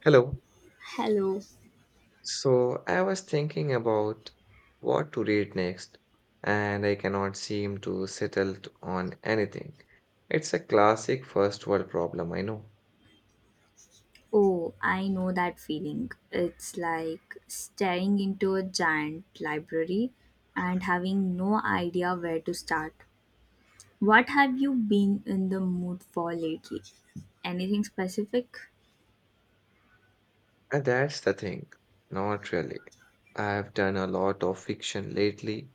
Hello. Hello. So I was thinking about what to read next, and I cannot seem to on anything. It's a classic first world problem, I know. Oh, I know that feeling. It's like staring into a giant library and having no idea where to start. What have you been in the mood for lately? Anything specific? And that's the thing. Not really. I've done a lot of fiction lately,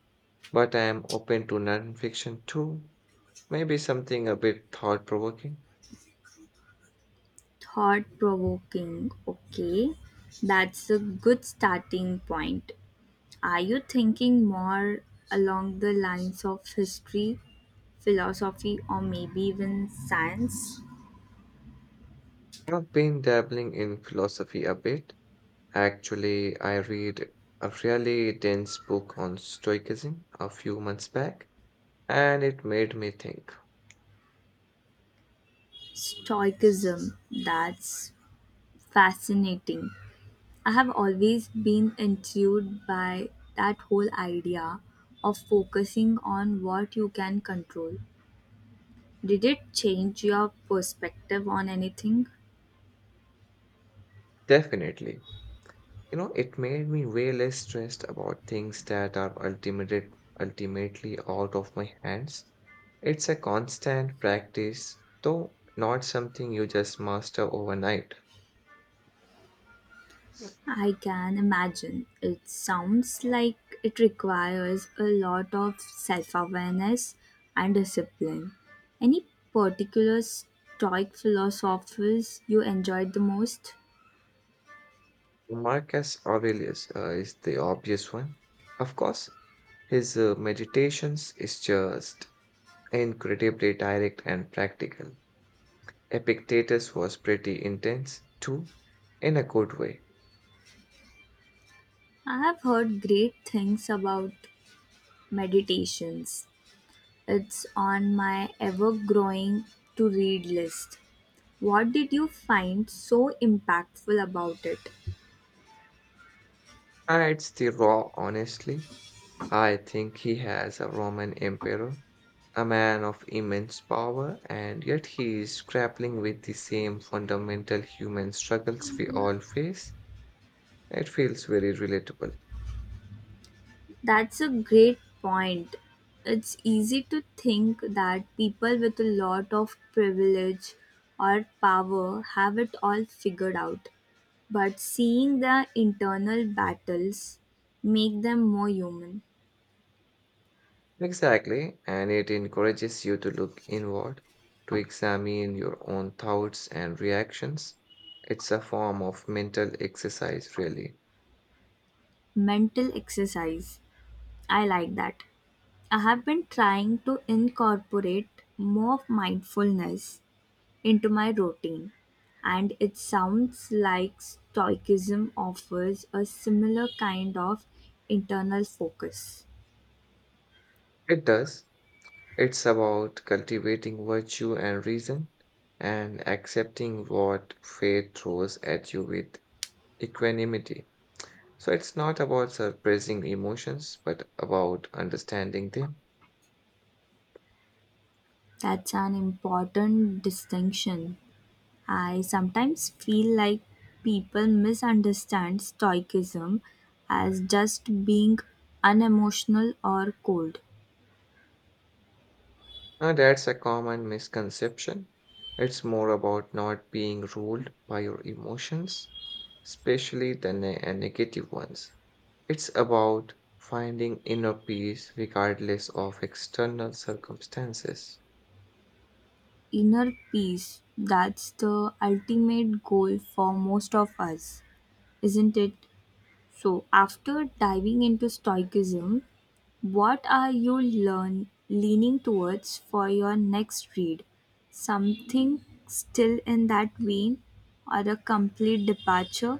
but I am open to non-fiction too. Maybe something a bit thought-provoking. Thought provoking. Okay, that's a good starting point. Are you thinking more along the lines of history, philosophy, or maybe even science? I've been dabbling in philosophy a bit. Actually, I read a really dense book on Stoicism a few months back, and it made me think. Stoicism. That's fascinating. I have always been intrigued by that whole idea of focusing on what you can control. Did it change your perspective on anything? Definitely. You know, it made me way less stressed about things that are ultimately out of my hands. It's a constant practice, though not something you just master overnight. I can imagine. It sounds like it requires a lot of self awareness and discipline. Any particular Stoic philosophers you enjoyed the most? Marcus Aurelius is the obvious one. Of course, his meditations is just incredibly direct and practical. Epictetus was pretty intense, too, in a good way. I have heard great things about meditations. It's on my ever growing to read list. What did you find so impactful about it? It's the raw honestly. I think he has a Roman emperor, a man of immense power, and yet he is grappling with the same fundamental human struggles we all face. It feels very relatable. That's a great point. It's easy to think that people with a lot of privilege or power have it all figured out, but seeing their internal battles make them more human. Exactly, and it encourages you to look inward, to examine your own thoughts and reactions. It's a form of mental exercise, really. Mental exercise. I like that. I have been trying to incorporate more mindfulness into my routine, and it sounds like Stoicism offers a similar kind of internal focus. It does. It's about cultivating virtue and reason and accepting what fate throws at you with equanimity. So it's not about suppressing emotions, but about understanding them. That's an important distinction. I sometimes feel like people misunderstand Stoicism as just being unemotional or cold. That's a common misconception. It's more about not being ruled by your emotions, especially the negative ones. It's about finding inner peace regardless of external circumstances. Inner peace, that's the ultimate goal for most of us, isn't it? So after diving into stoicism, what are you learn leaning towards for your next read? Something still in that vein or a complete departure?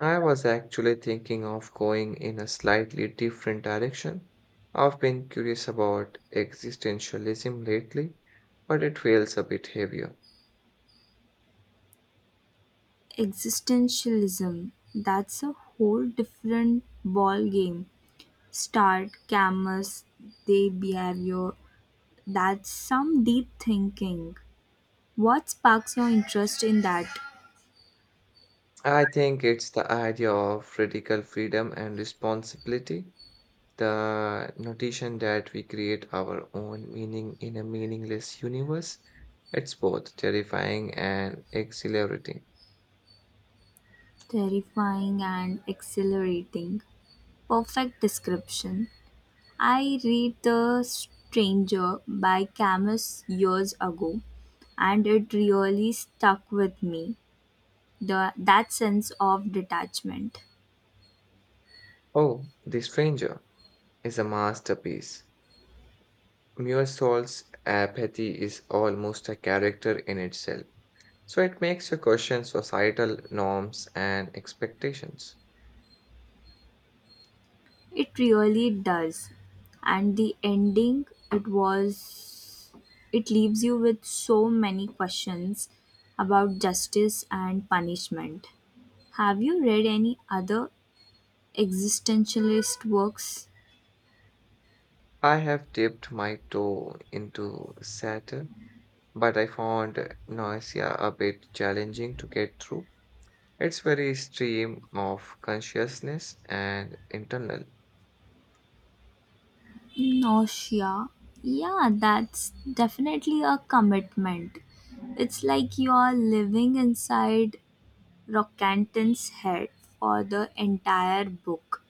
I was actually thinking of going in a slightly different direction. I've been curious about existentialism lately, but it feels a bit heavier. Existentialism, that's a whole different ball game. Start Camus, they behavior. That's some deep thinking. What sparks your interest in that? I think it's the idea of radical freedom and responsibility, the notation that we create our own meaning in a meaningless universe. It's both terrifying and exhilarating. Terrifying and exhilarating. Perfect description. I read The Stranger by Camus years ago and it really stuck with me. That sense of detachment. Oh, The Stranger is a masterpiece. Muirsolt's apathy is almost a character in itself, so it makes you question societal norms and expectations. It really does. And the ending, it was, it leaves you with so many questions about justice and punishment. Have you read any other existentialist works? I have dipped my toe into satire, but I found nausea a bit challenging to get through. It's very stream of consciousness and internal. Nausea. Yeah, that's definitely a commitment. It's like you are living inside Rockcanton's head for the entire book.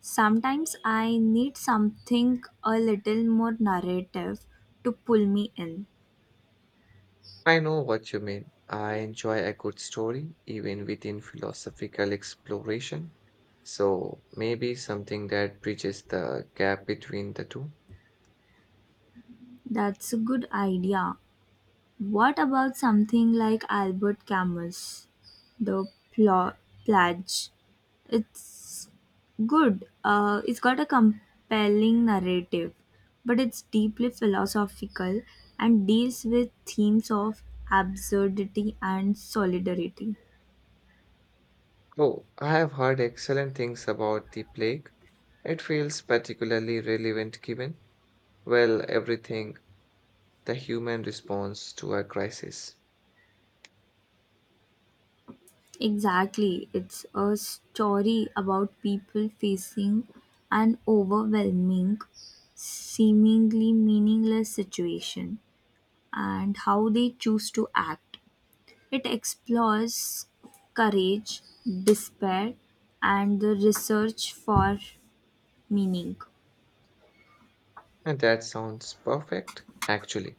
Sometimes I need something a little more narrative to pull me in. I know what you mean. I enjoy a good story, even within philosophical exploration. So maybe something that bridges the gap between the two. That's a good idea. What about something like Albert Camus, The Pla- Pledge? It's good. It's got a compelling narrative, but it's deeply philosophical and deals with themes of absurdity and solidarity. Oh, I have heard excellent things about the plague. It feels particularly relevant given, well, everything, the human response to a crisis. Exactly. It's a story about people facing an overwhelming, seemingly meaningless situation and how they choose to act. It explores courage, despair, and the research for meaning. And that sounds perfect, actually.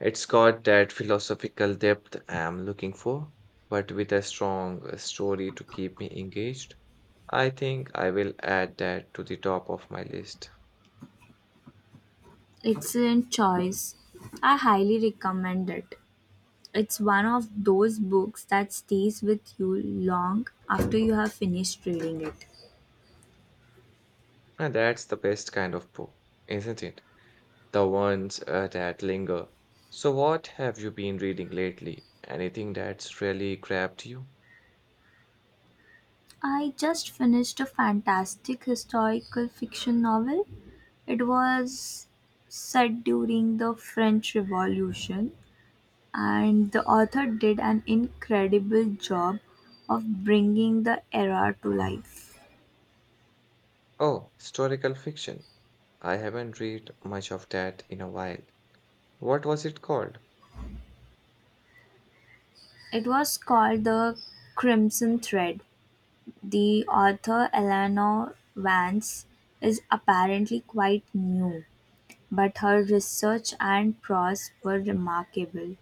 It's got that philosophical depth I'm looking for, but with a strong story to keep me engaged. I think I will add that to the top of my list. Excellent choice. I highly recommend it. It's one of those books that stays with you long after you have finished reading it. And that's the best kind of book, isn't it? The ones that linger. So, what have you been reading lately? Anything that's really grabbed you? I just finished a fantastic historical fiction novel. It was set during the French Revolution, and the author did an incredible job of bringing the era to life. Oh, historical fiction. I haven't read much of that in a while. What was it called? It was called The Crimson Thread. The author, Eleanor Vance, is apparently quite new, but her research and prose were remarkable.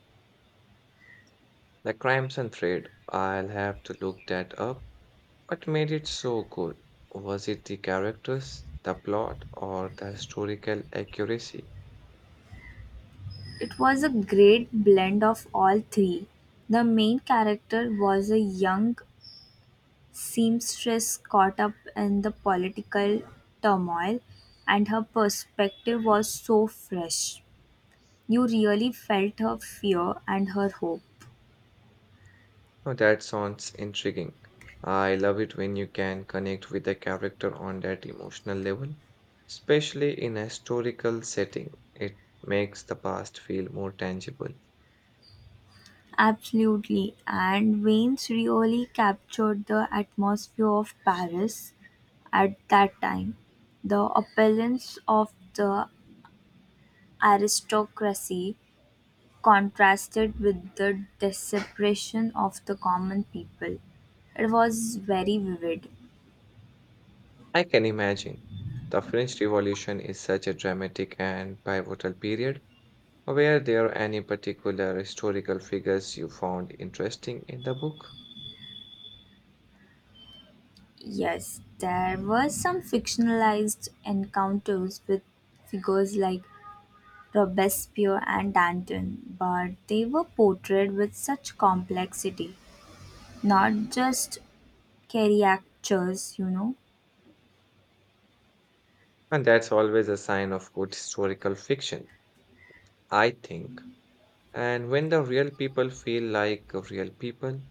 The Crimson Thread, I'll have to look that up. What made it so good? Was it the characters, the plot, or the historical accuracy? It was a great blend of all three. The main character was a young seamstress caught up in the political turmoil, and her perspective was so fresh. You really felt her fear and her hope. Oh, that sounds intriguing. I love it when you can connect with a character on that emotional level, especially in a historical setting. It makes the past feel more tangible. Absolutely, and Wayne's really captured the atmosphere of Paris at that time. The appearance of the aristocracy contrasted with the desperation of the common people. It was very vivid. I can imagine. The French Revolution is such a dramatic and pivotal period. Were there any particular historical figures you found interesting in the book? Yes, there were some fictionalized encounters with figures like Robespierre and Danton, but they were portrayed with such complexity, not just caricatures. And that's always a sign of good historical fiction, I think. And when the real people feel like real people,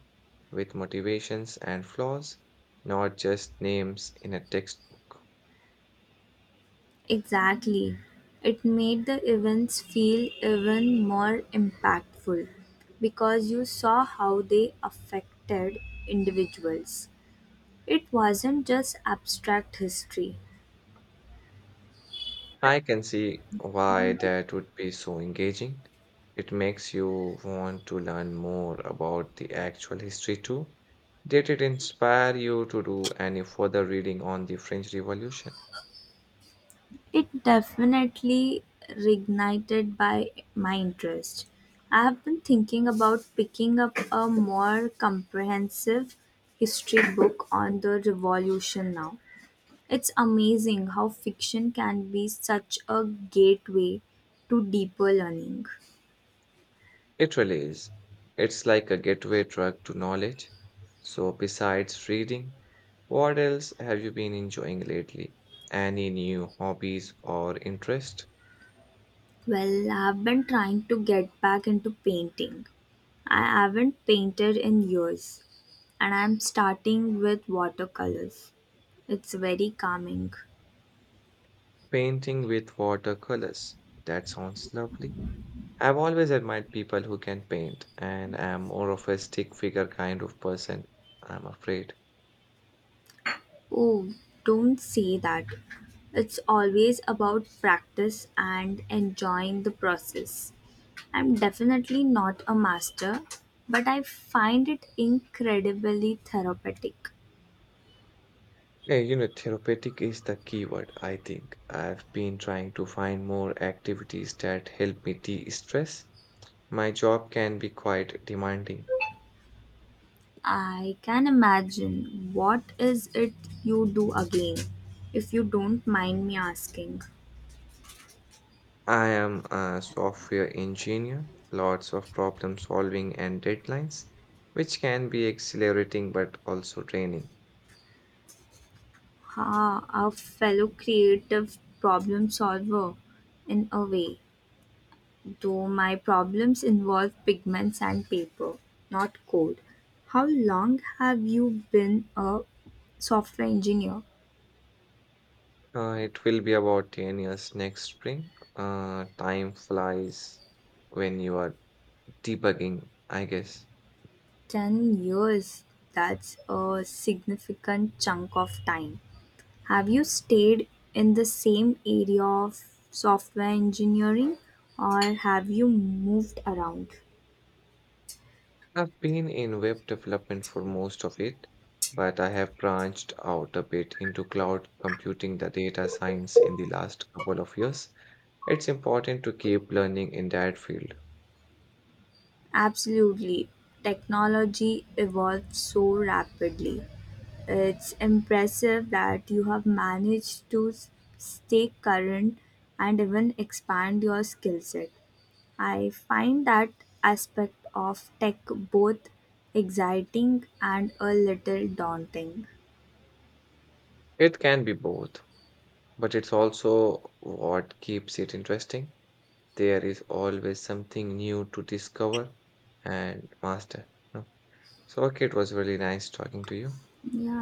with motivations and flaws, not just names in a textbook. Exactly. It made the events feel even more impactful because you saw how they affected individuals. It wasn't just abstract history, I can see why that would be so engaging. It makes you want to learn more about the actual history too. Did it inspire you to do any further reading on the French Revolution? it definitely reignited by my interest. I have been thinking about picking up a more comprehensive history book on the revolution now. It's amazing how fiction can be such a gateway to deeper learning. It really is. It's like a gateway drug to knowledge. So, besides reading, what else have you been enjoying lately? Any new hobbies or interest? Well, I've been trying to get back into painting. I haven't painted in years, and I'm starting with watercolors. It's very calming. Painting with watercolors. That sounds lovely. I've always admired people who can paint, and I'm more of a stick figure kind of person, I'm afraid. Oh, don't say that. It's always about practice and enjoying the process. I'm definitely not a master, but I find it incredibly therapeutic. Yeah, you know, therapeutic is the keyword, I think. I've been trying to find more activities that help me de-stress. My job can be quite demanding. I can imagine, what is it you do again, if you don't mind me asking? I am a software engineer, lots of problem solving and deadlines, which can be exhilarating but also draining. Ah, a fellow creative problem solver, in a way, though my problems involve pigments and paper, not code. How long have you been a software engineer? It will be about 10 years next spring. Time flies when you are debugging, I guess. 10 years, that's a significant chunk of time. Have you stayed in the same area of software engineering or have you moved around? I've been in web development for most of it, but I have branched out a bit into cloud computing, the data science in the last couple of years. It's important to keep learning in that field. Absolutely. Technology evolves so rapidly. It's impressive that you have managed to stay current and even expand your skill set. I find that aspect of tech both exciting and a little daunting. It can be both, but it's also what keeps it interesting. There is always something new to discover and master. No? So, okay, it was really nice talking to you. Yeah,